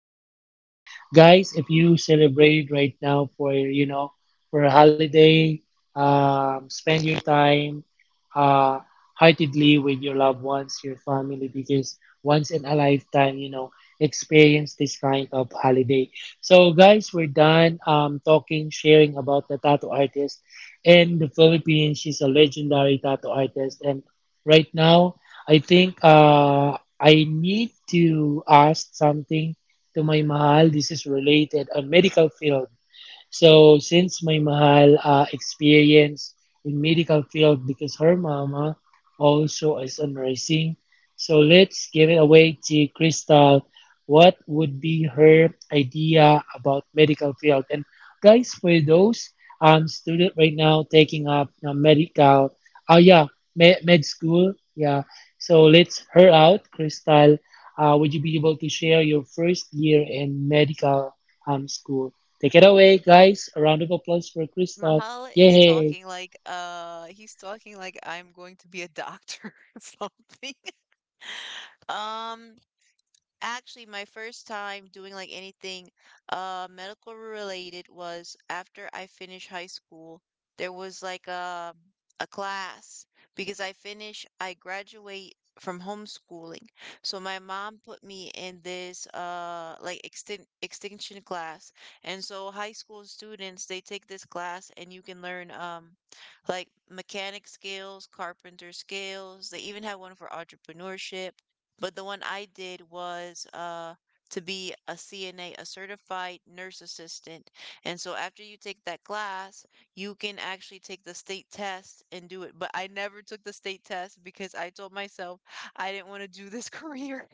26. So, guys, if you celebrate right now for for a holiday, spend your time. Uh, Heartedly with your loved ones, your family, because once in a lifetime, you know, experience this kind of holiday. So, guys, we're done talking, sharing about the tattoo artist in the Philippines. She's a legendary tattoo artist, and right now, I think I need to ask something to my mahal. This is related on medical field. So since my mahal experience in medical field because her mama also is a nursing. So let's give it away to Crystal. What would be her idea about medical field? And guys, for those student right now taking up medical, oh yeah, med school, yeah. So let's her out, Crystal. Would you be able to share your first year in medical school? Take it away, guys. A round of applause for Crystal. Mahal is Yay! talking like he's talking like I'm going to be a doctor or something. Um Actually, my first time doing like anything medical related was after I finished high school. There was like a class because I graduate from homeschooling. So my mom put me in this like extinction class. And so high school students, they take this class and you can learn like mechanic skills, carpenter skills. They even have one for entrepreneurship, but the one I did was to be a CNA, a certified nurse assistant. And so after you take that class, you can actually take the state test and do it. But I never took the state test because I told myself I didn't want to do this career.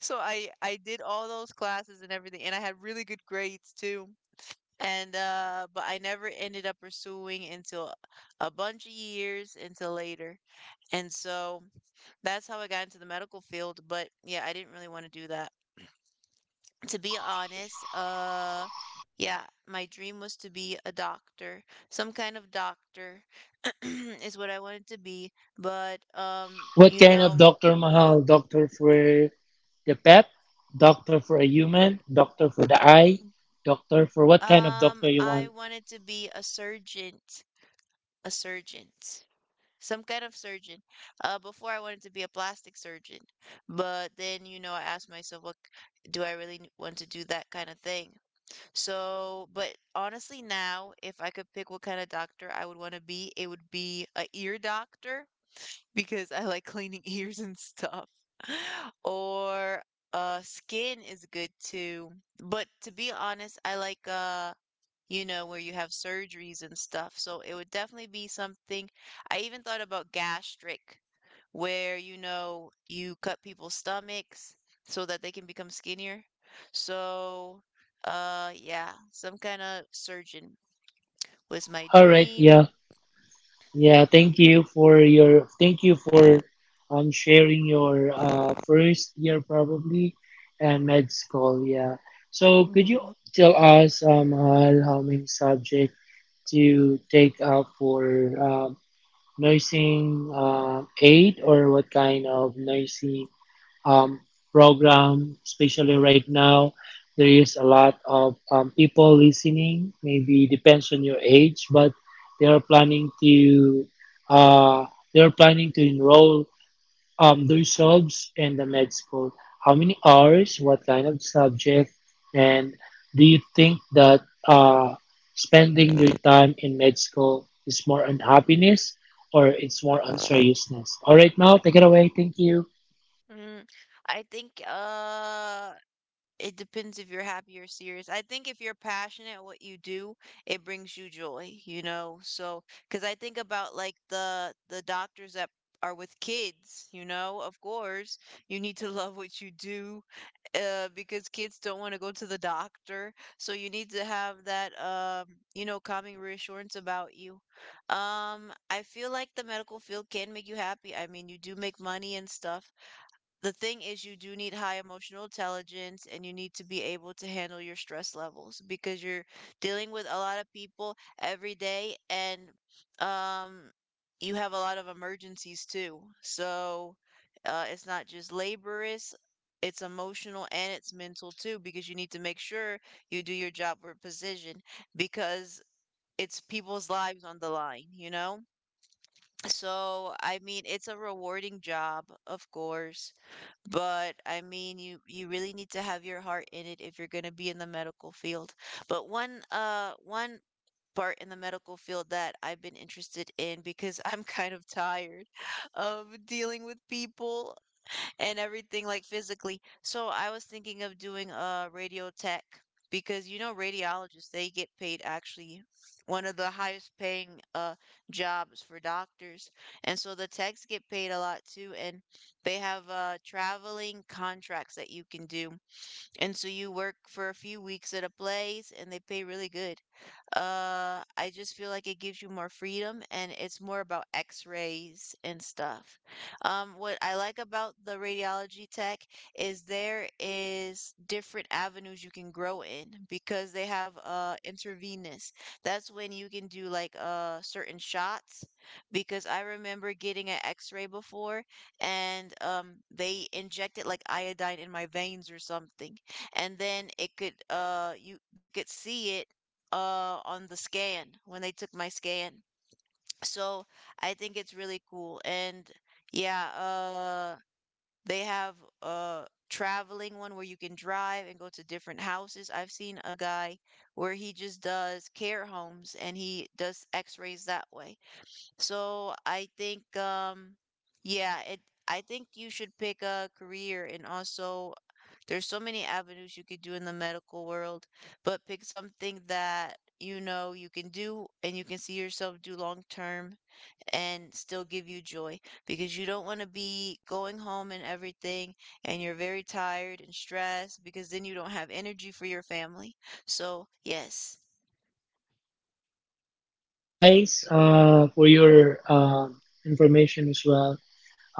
So I did all those classes and everything, and I had really good grades too. And But I never ended up pursuing until a bunch of years until later. And so that's how I got into the medical field, but yeah, I didn't really want to do that. To be honest, yeah, my dream was to be a doctor. Some kind of doctor is what I wanted to be, but What you kind of know, Dr. Mahal? Doctor for the pet? Doctor for a human? Doctor for the eye? Doctor for what kind of doctor you I want? wanted to be a surgeon, a surgeon. Some kind of surgeon. Before I wanted to be a plastic surgeon, but then you know I asked myself, do I really want to do that kind of thing? So, but honestly, now, if I could pick what kind of doctor I would want to be, it would be a ear doctor because I like cleaning ears and stuff. Or skin is good too. But to be honest, I like you know, where you have surgeries and stuff. So it would definitely be something. I even thought about gastric, where you know you cut people's stomachs so that they can become skinnier. So, yeah, some kind of surgeon was my Alright, dream. yeah. Thank you for sharing your first year probably and med school, yeah. So could you tell us, Mahal, how many subjects to take up for nursing aid or what kind of nursing um, program, especially right now. There is a lot of people listening, maybe depends on your age, but they are planning to uh, they are planning to enroll do your jobs in the med school? How many hours? What kind of subject? And do you think that uh, spending your time in med school is more on happiness or it's more on seriousness? All right, Mao, take it away. Thank you, Mm, I think it depends if you're happy or serious. I think if you're passionate at what you do, it brings you joy, you know? So, because I think about like the doctors that are with kids, you know, of course, you need to love what you do because kids don't want to go to the doctor. So you need to have that, you know, calming reassurance about you. I feel like the medical field can make you happy. I mean, you do make money and stuff. The thing is, you do need high emotional intelligence and you need to be able to handle your stress levels because you're dealing with a lot of people every day, and um, you have a lot of emergencies too. So it's not just laborious, it's emotional and it's mental too, because you need to make sure you do your job with precision, because it's people's lives on the line, you know? So, I mean, it's a rewarding job, of course, but I mean, you really need to have your heart in it if you're going to be in the medical field. But one part in the medical field that I've been interested in, because I'm kind of tired of dealing with people and everything like physically. So I was thinking of doing a radio tech, because you know radiologists, they get paid actually one of the highest paying jobs for doctors. And so the techs get paid a lot too, and they have traveling contracts that you can do. And so you work for a few weeks at a place and they pay really good. I just feel like it gives you more freedom and it's more about x-rays and stuff. What I like about the radiology tech is there is different avenues you can grow in, because they have intravenous. That's when you can do like certain shots, because I remember getting an x-ray before, and they injected like iodine in my veins or something, and then it could you they could see it on the scan when they took my scan. So I think it's really cool. And yeah, they have a traveling one where you can drive and go to different houses. I've seen a guy where he just does care homes and he does x-rays that way. So I think yeah, it I think you should pick a career, and also there's so many avenues you could do in the medical world, but pick something that you know you can do and you can see yourself do long term and still give you joy, because you don't want to be going home and everything and you're very tired and stressed, because then you don't have energy for your family. So, yes. guys, for your information as well.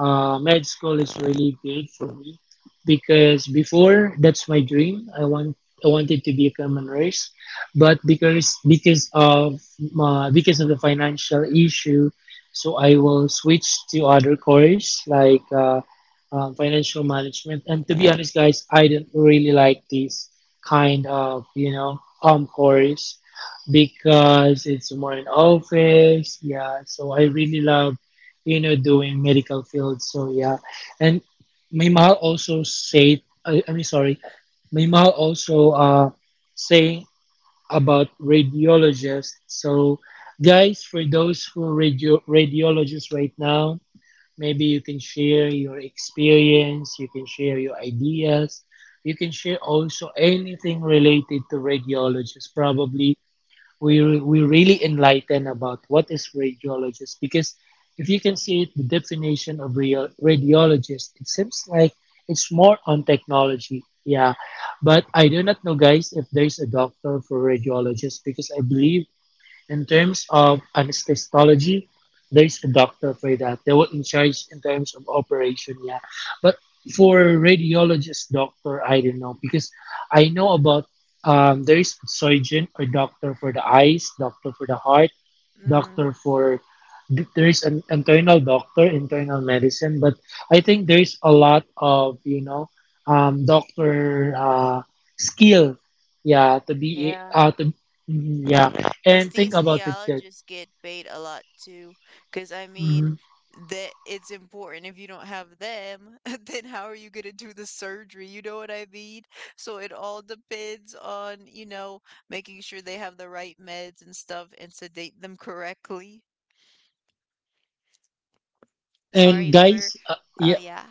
Med school is really good for me because before that's my dream. I wanted to become a nurse, but because of the financial issue, so I will switch to other course like financial management. And to be honest, guys, I don't really like this kind of course because it's more in office. Yeah, so I really love you know, doing medical field. So yeah, and may mahal also say, I, I mean, sorry, may mahal also saying about radiologists. So guys, for those who are radiologists right now, maybe you can share your experience, you can share your ideas, you can share also anything related to radiologists. Probably we really enlighten about what is radiologist because if you can see it, the definition of radiologist, it seems like it's more on technology. Yeah, but I do not know, guys, if there's a doctor for radiologist because I believe in terms of anesthesiology, there's a doctor for that. They were in charge in terms of operation, yeah. But for radiologist doctor, I don't know because I know about there is surgeon or doctor for the eyes, doctor for the heart, Mm, doctor for there is an internal medicine, but I think there's a lot of doctor skill, yeah, yeah. To, mm, yeah, Us and think these about it, guys. genealogists get paid a lot too, because I mean, Mhm. that it's important. If you don't have them, then how are you gonna do the surgery? You know what I mean? So it all depends on, you know, making sure they have the right meds and stuff and sedate them correctly. and Sorry for, guys uh, yeah, yeah,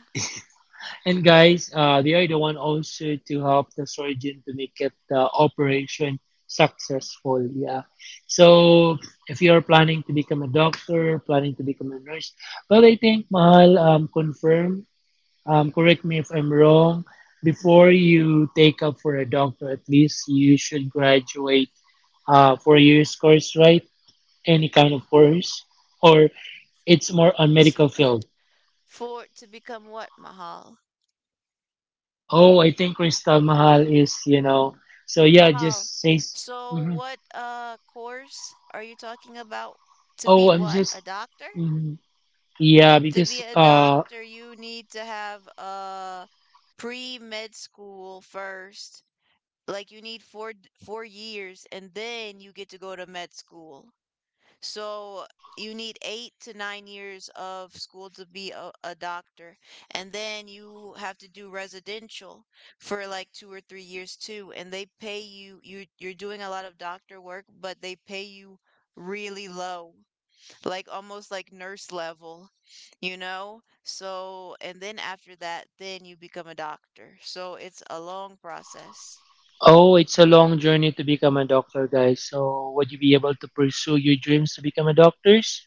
and guys, they are the one also to help the surgeon to make it the operation successful. Yeah. So if you are planning to become a doctor, planning to become a nurse, well, I think Mahal, confirm, correct me if I'm wrong. Before you take up for a doctor, at least you should graduate 4 years course, right? Any kind of course, or it's more on s- medical field. for to become what, Mahal? Oh, I think Crystal Mahal is, you know. So yeah, Mahal. just says. So Mhm. what, course are you talking about? To be Oh, I'm what? A just. doctor? Mhm. Yeah, To be because a doctor, you need to have a pre-med school first. Like you need 4 years, and then you get to go to med school. So you need 8 to 9 years of school to be a doctor. And then you have to do residential for like 2 or 3 years too. And they pay you, you're doing a lot of doctor work, but they pay you really low, like almost like nurse level, you know? So, and then after that, then you become a doctor. So it's a long process. oh, it's a long journey to become a doctor, guys. So would you be able to pursue your dreams to become a doctors,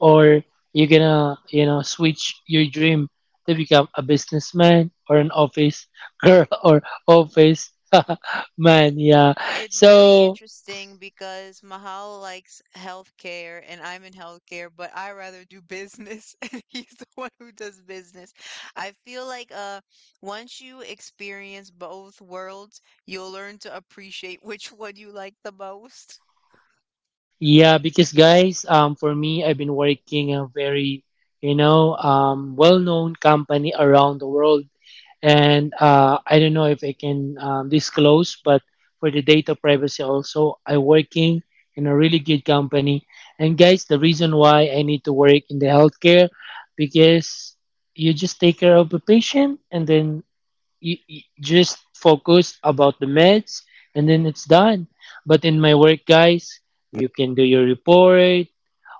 or you gonna you know switch your dream to become a businessman or an office girl or office man? Yeah. It's very So interesting because Mahal likes healthcare and I'm in healthcare, but I rather do business. And he's the one who does business. I feel like once you experience both worlds, you'll learn to appreciate which one you like the most. yeah, because guys, for me, I've been working a very, you know, well-known company around the world, and I don't know if I can disclose, but for the data privacy also, I working in a really good company. And guys, the reason why I need to work in the healthcare because you just take care of the patient, and then you just focus about the meds and then it's done, but in my work, guys, you can do your report.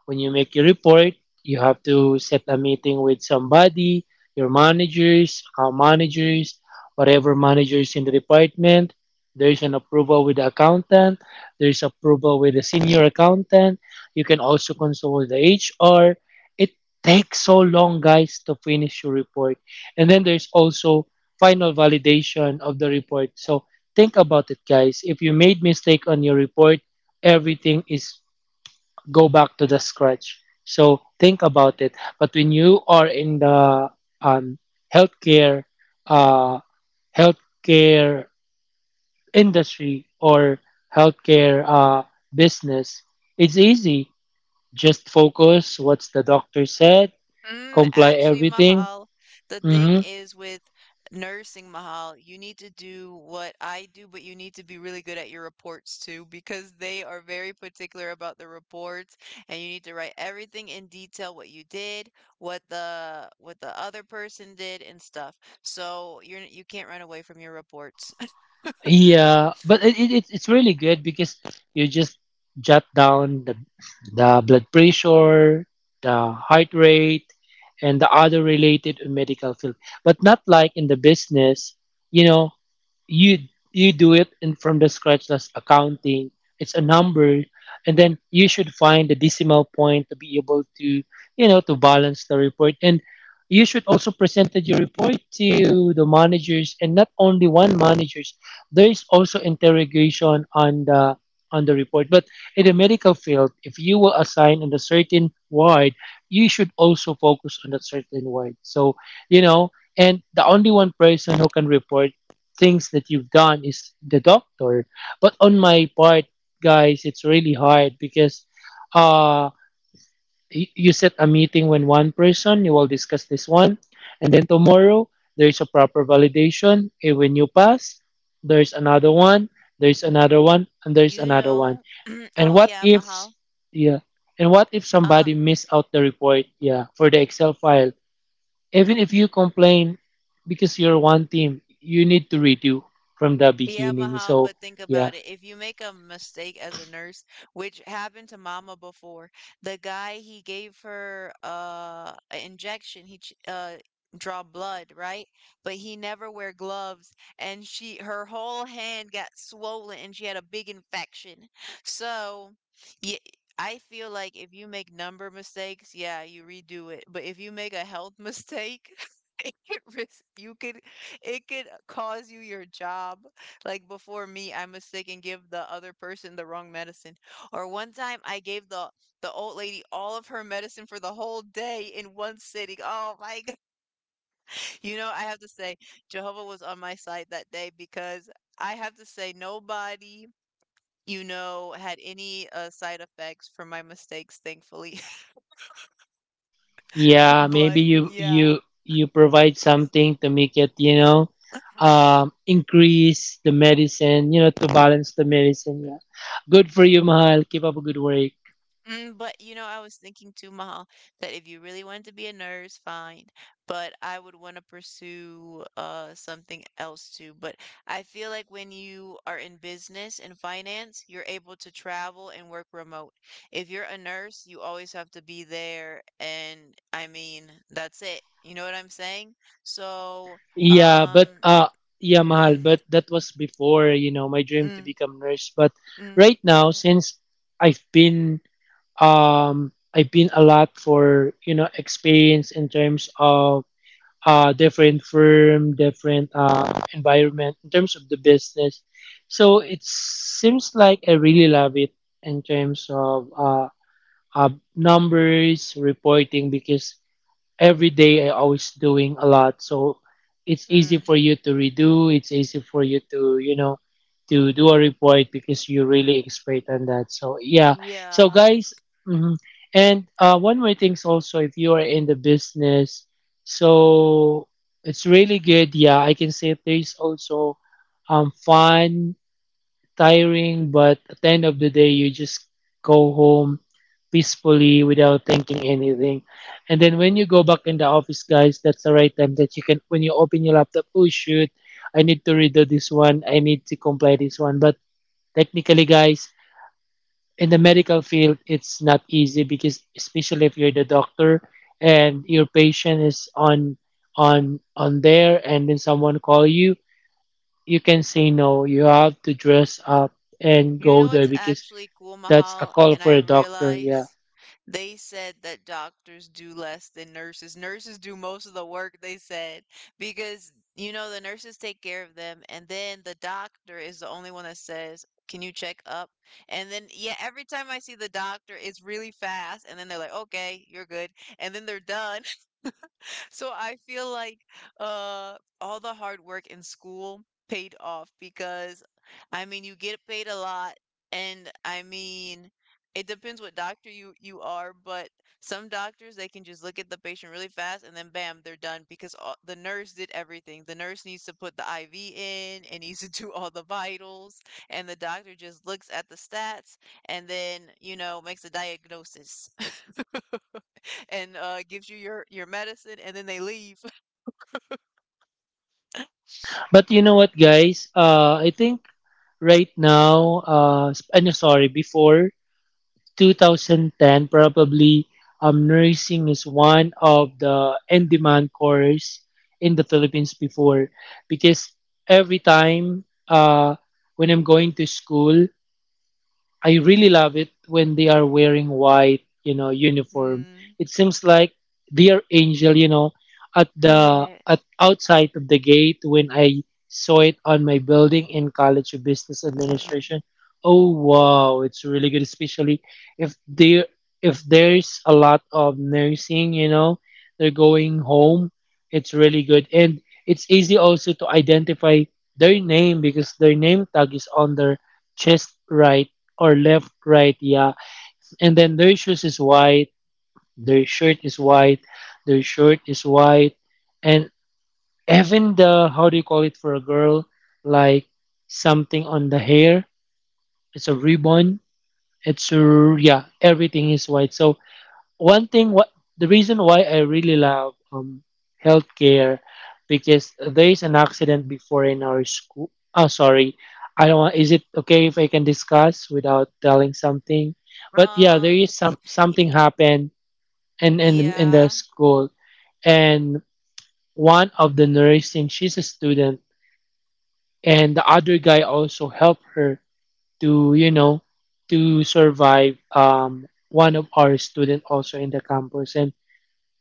When you make your report, you have to set a meeting with somebody, your managers, account managers, whatever managers in the department. There's an approval with the accountant. There's approval with the senior accountant. You can also consult the HR. It takes so long, guys, to finish your report. And then there's also final validation of the report. So think about it, guys. If you made mistake on your report, everything is go back to the scratch. So think about it. But when you are in the um, healthcare uh, healthcare industry or healthcare business, it's easy. Just focus. What's the doctor said? Mm, Comply actually, everything. Mahal, the thing Mm-hmm. is with nursing, Mahal, you need to do what I do, but you need to be really good at your reports too, because they are very particular about the reports, and you need to write everything in detail, what you did, what the other person did, and stuff. So you can't run away from your reports. Yeah, but it's really good because you just jot down the blood pressure, the heart rate, and the other related medical field. But not like in the business, you know, you you do it in from the scratch, that's accounting, it's a number, and then you should find the decimal point to be able to you know to balance the report, and you should also present your report to the managers, and not only one managers, there is also interrogation on the report. But in the medical field, if you were assigned on a certain ward, you should also focus on that certain ward, so you know, and the only one person who can report things that you've done is the doctor. But on my part, guys, it's really hard because uh, you set a meeting when one person, you will discuss this one, and then tomorrow there's a proper validation. And when you pass, there's another one, there's another one, and there's You another one. know, And oh what yeah, if, Mahal. yeah, and what if Uh, somebody miss out the report, yeah, for the Excel file? Even if you complain because you're one team, you need to redo from the Yeah, beginning. Mahal, So but think yeah, about it. If you make a mistake as a nurse, which happened to Mama before, the guy, he gave her an injection, draw blood, right? But he never wear gloves and she, her whole hand got swollen and she had a big infection. So, yeah, I feel like if you make number mistakes, yeah, you redo it. But if you make a health mistake, it could risk you could it could cause you your job. Like before me, I mistake and give the other person the wrong medicine. Or one time I gave the old lady all of her medicine for the whole day in one sitting. Oh my God. You know, I have to say Jehovah was on my side that day because I have to say nobody, you know, had any side effects from my mistakes, thankfully. yeah, maybe But yeah. You provide something to make it, you know, increase the medicine, you know, to balance the medicine. Yeah, good for you, Mahal. Keep up a good work. Mm, but, you know, I was thinking too, Mahal, that if you really wanted to be a nurse, fine, but I would wanna pursue, something else too, but I feel like when you are in business and finance, you're able to travel and work remote. If you're a nurse, you always have to be there, and, I mean, that's it, you know what I'm saying? So, Yeah, but um, uh, yeah, Mahal. But that was before, you know, my dream to mm, become nurse. But mm, right now, since I've been I've been a lot for you know experience in terms of different firm, different environment in terms of the business. So it seems like I really love it in terms of uh numbers reporting because every day I always doing a lot. So it's easy mm, for you to redo. It's easy for you to, you know, to do a report because you're really expert on that. So yeah. So yeah. guys, mhm, and one more things also if you are in the business, so it's really good. Yeah, I can say there's also fun, tiring, but at the end of the day, you just go home peacefully without thinking anything. And then when you go back in the office, guys, that's the right time that you can, when you open your laptop, oh shoot, I need to redo this one, I need to comply this one. But technically, guys, in the medical field, it's not easy because especially if you're the doctor and your patient is on there, and then someone call you, you can say no. You have to dress up and You go know there what's because actually cool, that's a Mahal? call And for I a doctor. Yeah. realize they said that doctors do less than nurses. Nurses do most of the work, they said, because, you know, the nurses take care of them, and then the doctor is the only one that says, can you check up? And then, yeah, every time I see the doctor, it's really fast. And then they're like, okay, you're good. And then they're done. So I feel like uh all the hard work in school paid off because I mean you get paid a lot, and I mean it depends what doctor you are, but some doctors, they can just look at the patient really fast and then bam, they're done, because all, the nurse did everything. The nurse needs to put the IV in and needs to do all the vitals, and the doctor just looks at the stats and then, you know, makes a diagnosis. And gives you your medicine and then they leave. But you know what, guys? I think right now, ano, sorry, before 2010, probably nursing is one of the in-demand course in the Philippines before because every time when I'm going to school, I really love it when they are wearing white, you know, uniform. Mm. It seems like they are angel, you know, at the at outside of the gate when I saw it on my building in College of Business Mm. Administration. Oh wow, it's really good, especially if there if there's a lot of nursing, you know, they're going home. It's really good. And it's easy also to identify their name because their name tag is on their chest right or left, right, yeah. And then their shoes is white, their shirt is white, their shirt is white, and even the how do you call it for a girl, like something on the hair, it's a ribbon, it's a, yeah, everything is white. So one thing what the reason why I really love healthcare because there is an accident before in our school. Oh, sorry. I don't want. Is it okay if I can discuss without telling something? But yeah, there Um, is something happened in the yeah. school, and one of the nursing, she's a student, and the other guy also helped her to you know to survive. One of our student also in the campus, and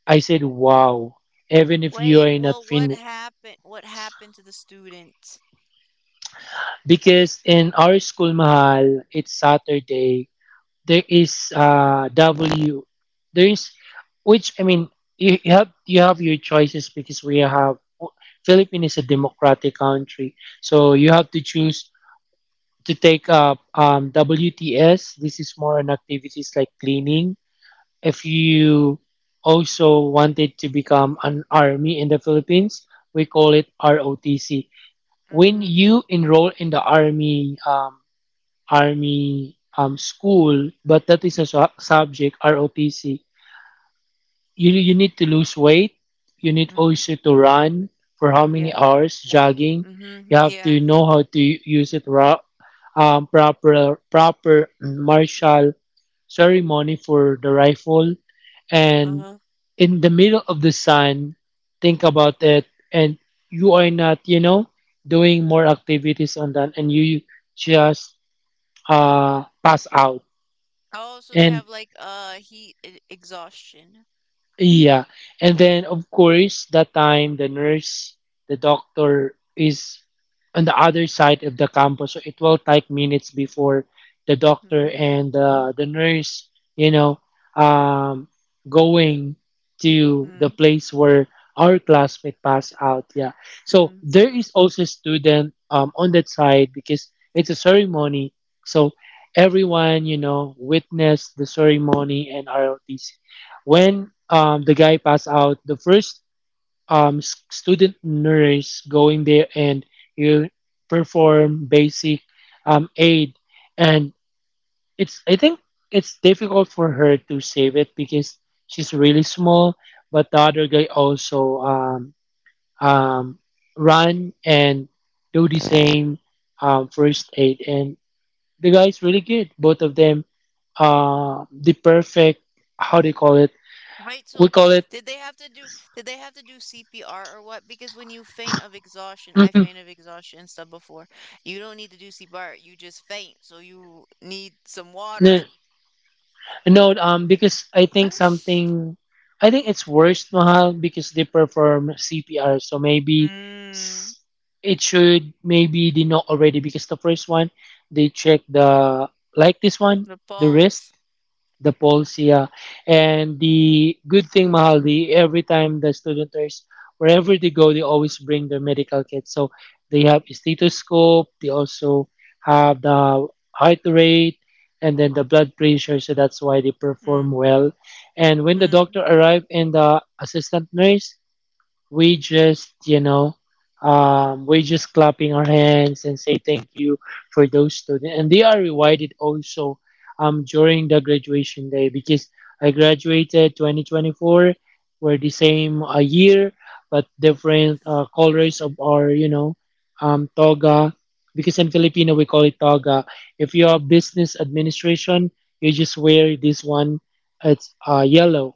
I said, wow, even if you Wait, are not well, what fin happened? What happened to the student? because in our school mahal, it's Saturday. There is uh W there is which I mean you have your choices because we have Philippines is a democratic country. So you have to choose to take up WTS. This is more on activities like cleaning. If you also wanted to become an army in the Philippines, we call it ROTC. When you enroll in the army school, but that is a subject ROTC. You need to lose weight. You need Mm, also to run for how many yeah. hours jogging. Mm-hmm. You have Yeah. to know how to use it proper martial ceremony for the rifle and Uh-huh. in the middle of the sun, think about it and you are not, you know, doing more activities on that and you just pass out. Oh, so they And have like heat exhaustion. yeah. And then of course that time the nurse, the doctor is on the other side of the campus. So it will take minutes before the doctor and the nurse, you know, um, going to the Mm-hmm. place where our classmate passed out. Yeah. So Hmm. there is also student on that side because it's a ceremony. So everyone, you know, witnessed the ceremony and ROTC. When the guy passed out, the first student nurse going there and you perform basic aid, and it's I think it's difficult for her to save it because she's really small. But the other guy also um, run and do the same first aid, and the guy's really good. Both of them, the perfect how do you call it? Right, We so call it did they have to do did they have to do CPR or what? Because when you faint of exhaustion, I faint of exhaustion and stuff before. You don't need to do CPR, you just faint. So you need some water. No, because I think something, I think it's worse, Mahal, because they perform CPR. So maybe Mm, s- it should, maybe they know already because the first one, they check the, like this one, the the wrist. pulse. The polls, yeah, and the good thing mahaldi every time the student nurse wherever they go they always bring their medical kit, so they have a stethoscope, they also have the heart rate and then the blood pressure. So that's why they perform Mm, well. And when the mm, doctor arrived and the assistant nurse, we just you know we just clapping our hands and say thank you for those students, and they are rewarded also during the graduation day because I graduated 2024. We're the same a year but different colors of our you know toga, because in filipino we call it toga. If you are business administration, you just wear this one, it's yellow.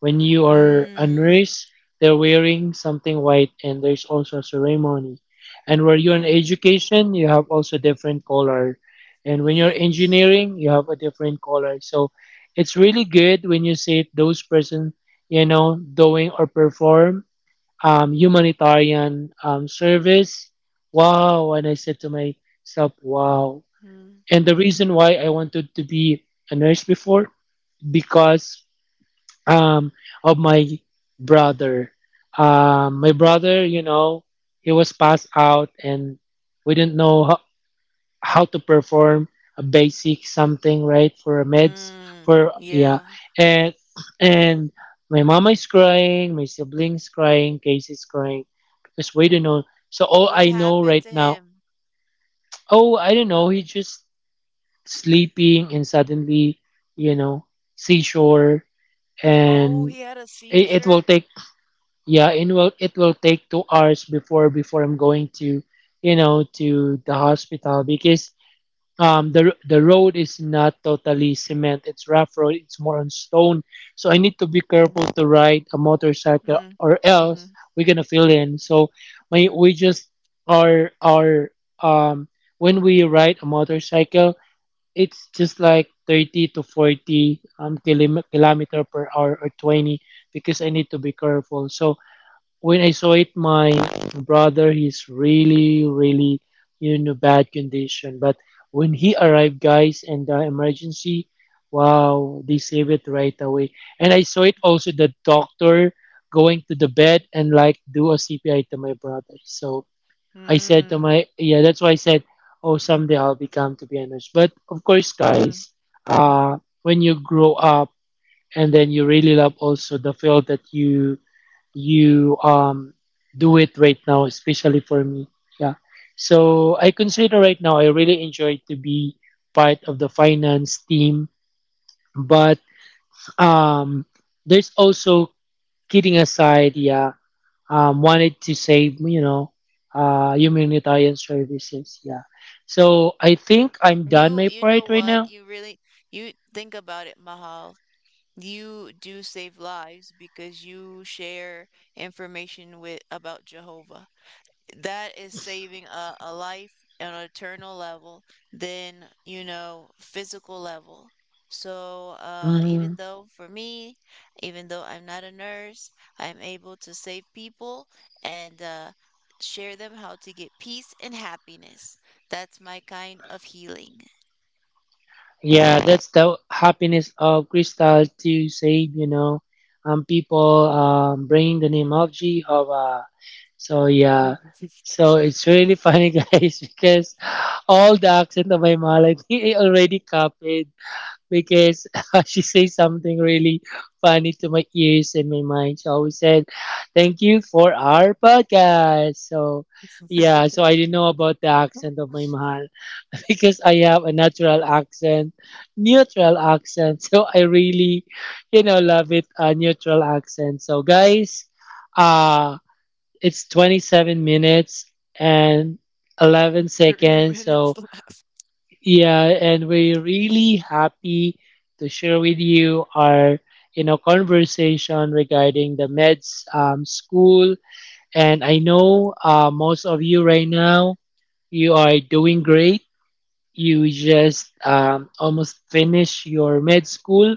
When you are a mm, nurse, they're wearing something white and there's also a ceremony. And where you're in mm. education, you have also different color. And when you're Yes. engineering, you have a different color. So it's really good when you see those person, you know, doing or perform humanitarian service. Wow. And I said to myself, wow. Mm, And the reason why I wanted to be a nurse before, because um of my brother. My brother you know he was passed out and we didn't know how to perform a basic something right for meds mm. for yeah. Yeah. And and my mama is crying, my siblings crying, casey's crying because we don't know. So all What I know happened right to now, him? oh I don't know, he's just sleeping and suddenly you know seashore. Oh, And he had a it will seizure. take, yeah it will take 2 hours before before I'm going to you know to the hospital because um the road is not totally cement, it's rough road, it's more on stone. So I need to be careful Mm, to ride a motorcycle mm, or else mm, we're gonna fill in. So my mm, we just are um when we ride a motorcycle it's just like 30 to 40 um kilometer per hour, or 20, because I need to be careful. So when I saw it, my brother, he's really, really in a bad condition. But when he arrived, guys, and the emergency, wow, they saved it right away. And I saw it also the doctor going to the bed mm, and like do a CPR to my brother. So I said to mm, my, yeah, that's why I said, oh, someday I'll become to be a nurse. But of course, mm. guys, uh, when you grow up and then you really love also the field that you do it right now, especially for me. Yeah. So I consider right now I really enjoy to be part of the finance team, but um there's also kidding aside, yeah, wanted to save, you know, humanitarian services, yeah. So I think I'm done You my you know part right what? now. You really, you think about it, Mahal. You do save lives because you share information with about Jehovah. That is saving a life on an eternal level than, you know, physical level. So, Mm-hmm. even though for me, even though I'm not a nurse, I'm able to save people, and share them how to get peace and happiness. That's my kind of healing. Yeah, that's the happiness of Crystal to save, you know, people bring the name of G of so yeah, so it's really funny, guys, because all the accent of my mom, like, I already copied because she says something really funny to my ears and my mind. She always said, "Thank you for our podcast." So yeah, so I didn't know about the accent of my mom. Because I have a natural accent, neutral accent. So I really, you know, love it, a neutral accent. So guys, uh, it's 27 minutes and 11 Three seconds. minutes So left. yeah, and we're really happy to share with you our, you know, conversation regarding the meds school. And I know most of you right now, you are doing great, you just almost finish your med school.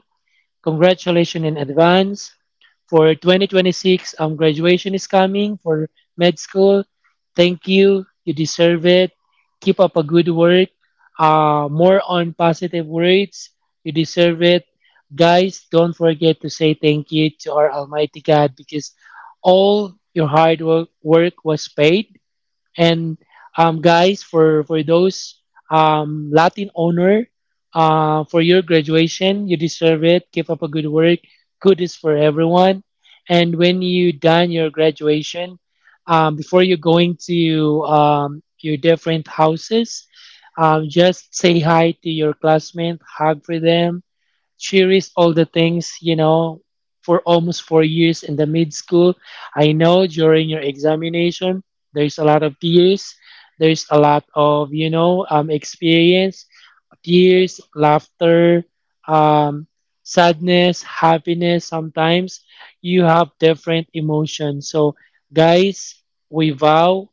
Congratulations in advance. For 2026, graduation is coming for med school. Thank you. You deserve it. Keep up a good work. More on positive words. You deserve it. Guys, don't forget to say thank you to our Almighty God because all your work was paid, and guys, for those Latin honor, for your graduation, you deserve it. Keep up a good work. Good is for everyone. And when you done your graduation, before you going to your different houses, just say hi to your classmate, hug for them, she raised all the things, you know, for almost 4 years in the mid school. I know during your examination, there's a lot of tears, there's a lot of, you know, experience tears, laughter, um, sadness, happiness. Sometimes you have different emotions. So, guys, we vow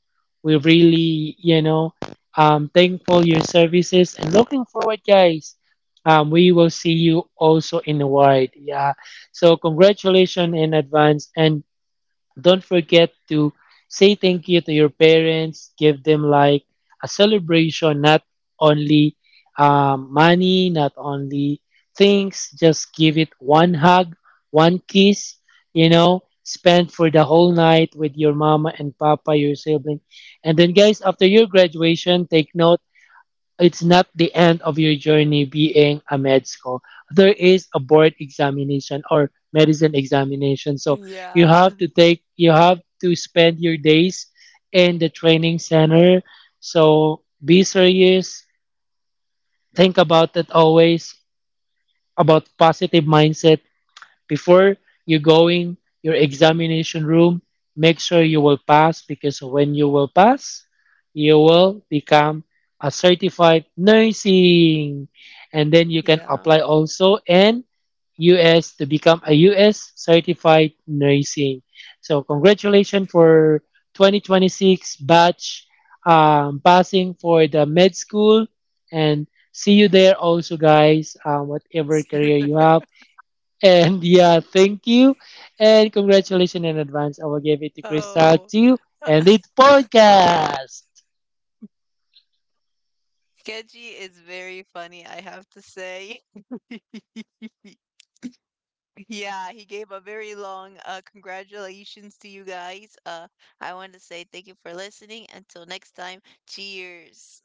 we really, you know, thankful your services and looking forward, guys. We will see you also in the wide. Yeah. So, congratulations in advance and don't forget to say thank you to your parents. Give them like a celebration, not only money, not only things. Just give it one hug, one kiss. You know, spend for the whole night with your mama and papa, your sibling. And then, guys, after your graduation, take note it's not the end of your journey being a med school. There is a board examination or medicine examination. So you Yeah, have to take, you have to spend your days in the training center. So be serious. Think about it always, about positive mindset. Before you go in your examination room, make sure you will pass because when you will pass, you will become a certified nursing. And then you can yeah. apply also in US to become a US certified nursing. So congratulations for 2026 batch passing for the med school and see you there also guys whatever You're career you there. have. And yeah, thank you. And congratulations in advance. I will give it to Crystal Oh, too. And it's podcast. Kenji is very funny, I have to say. Yeah, he gave a very long congratulations to you guys. I want to say thank you for listening. Until next time, cheers.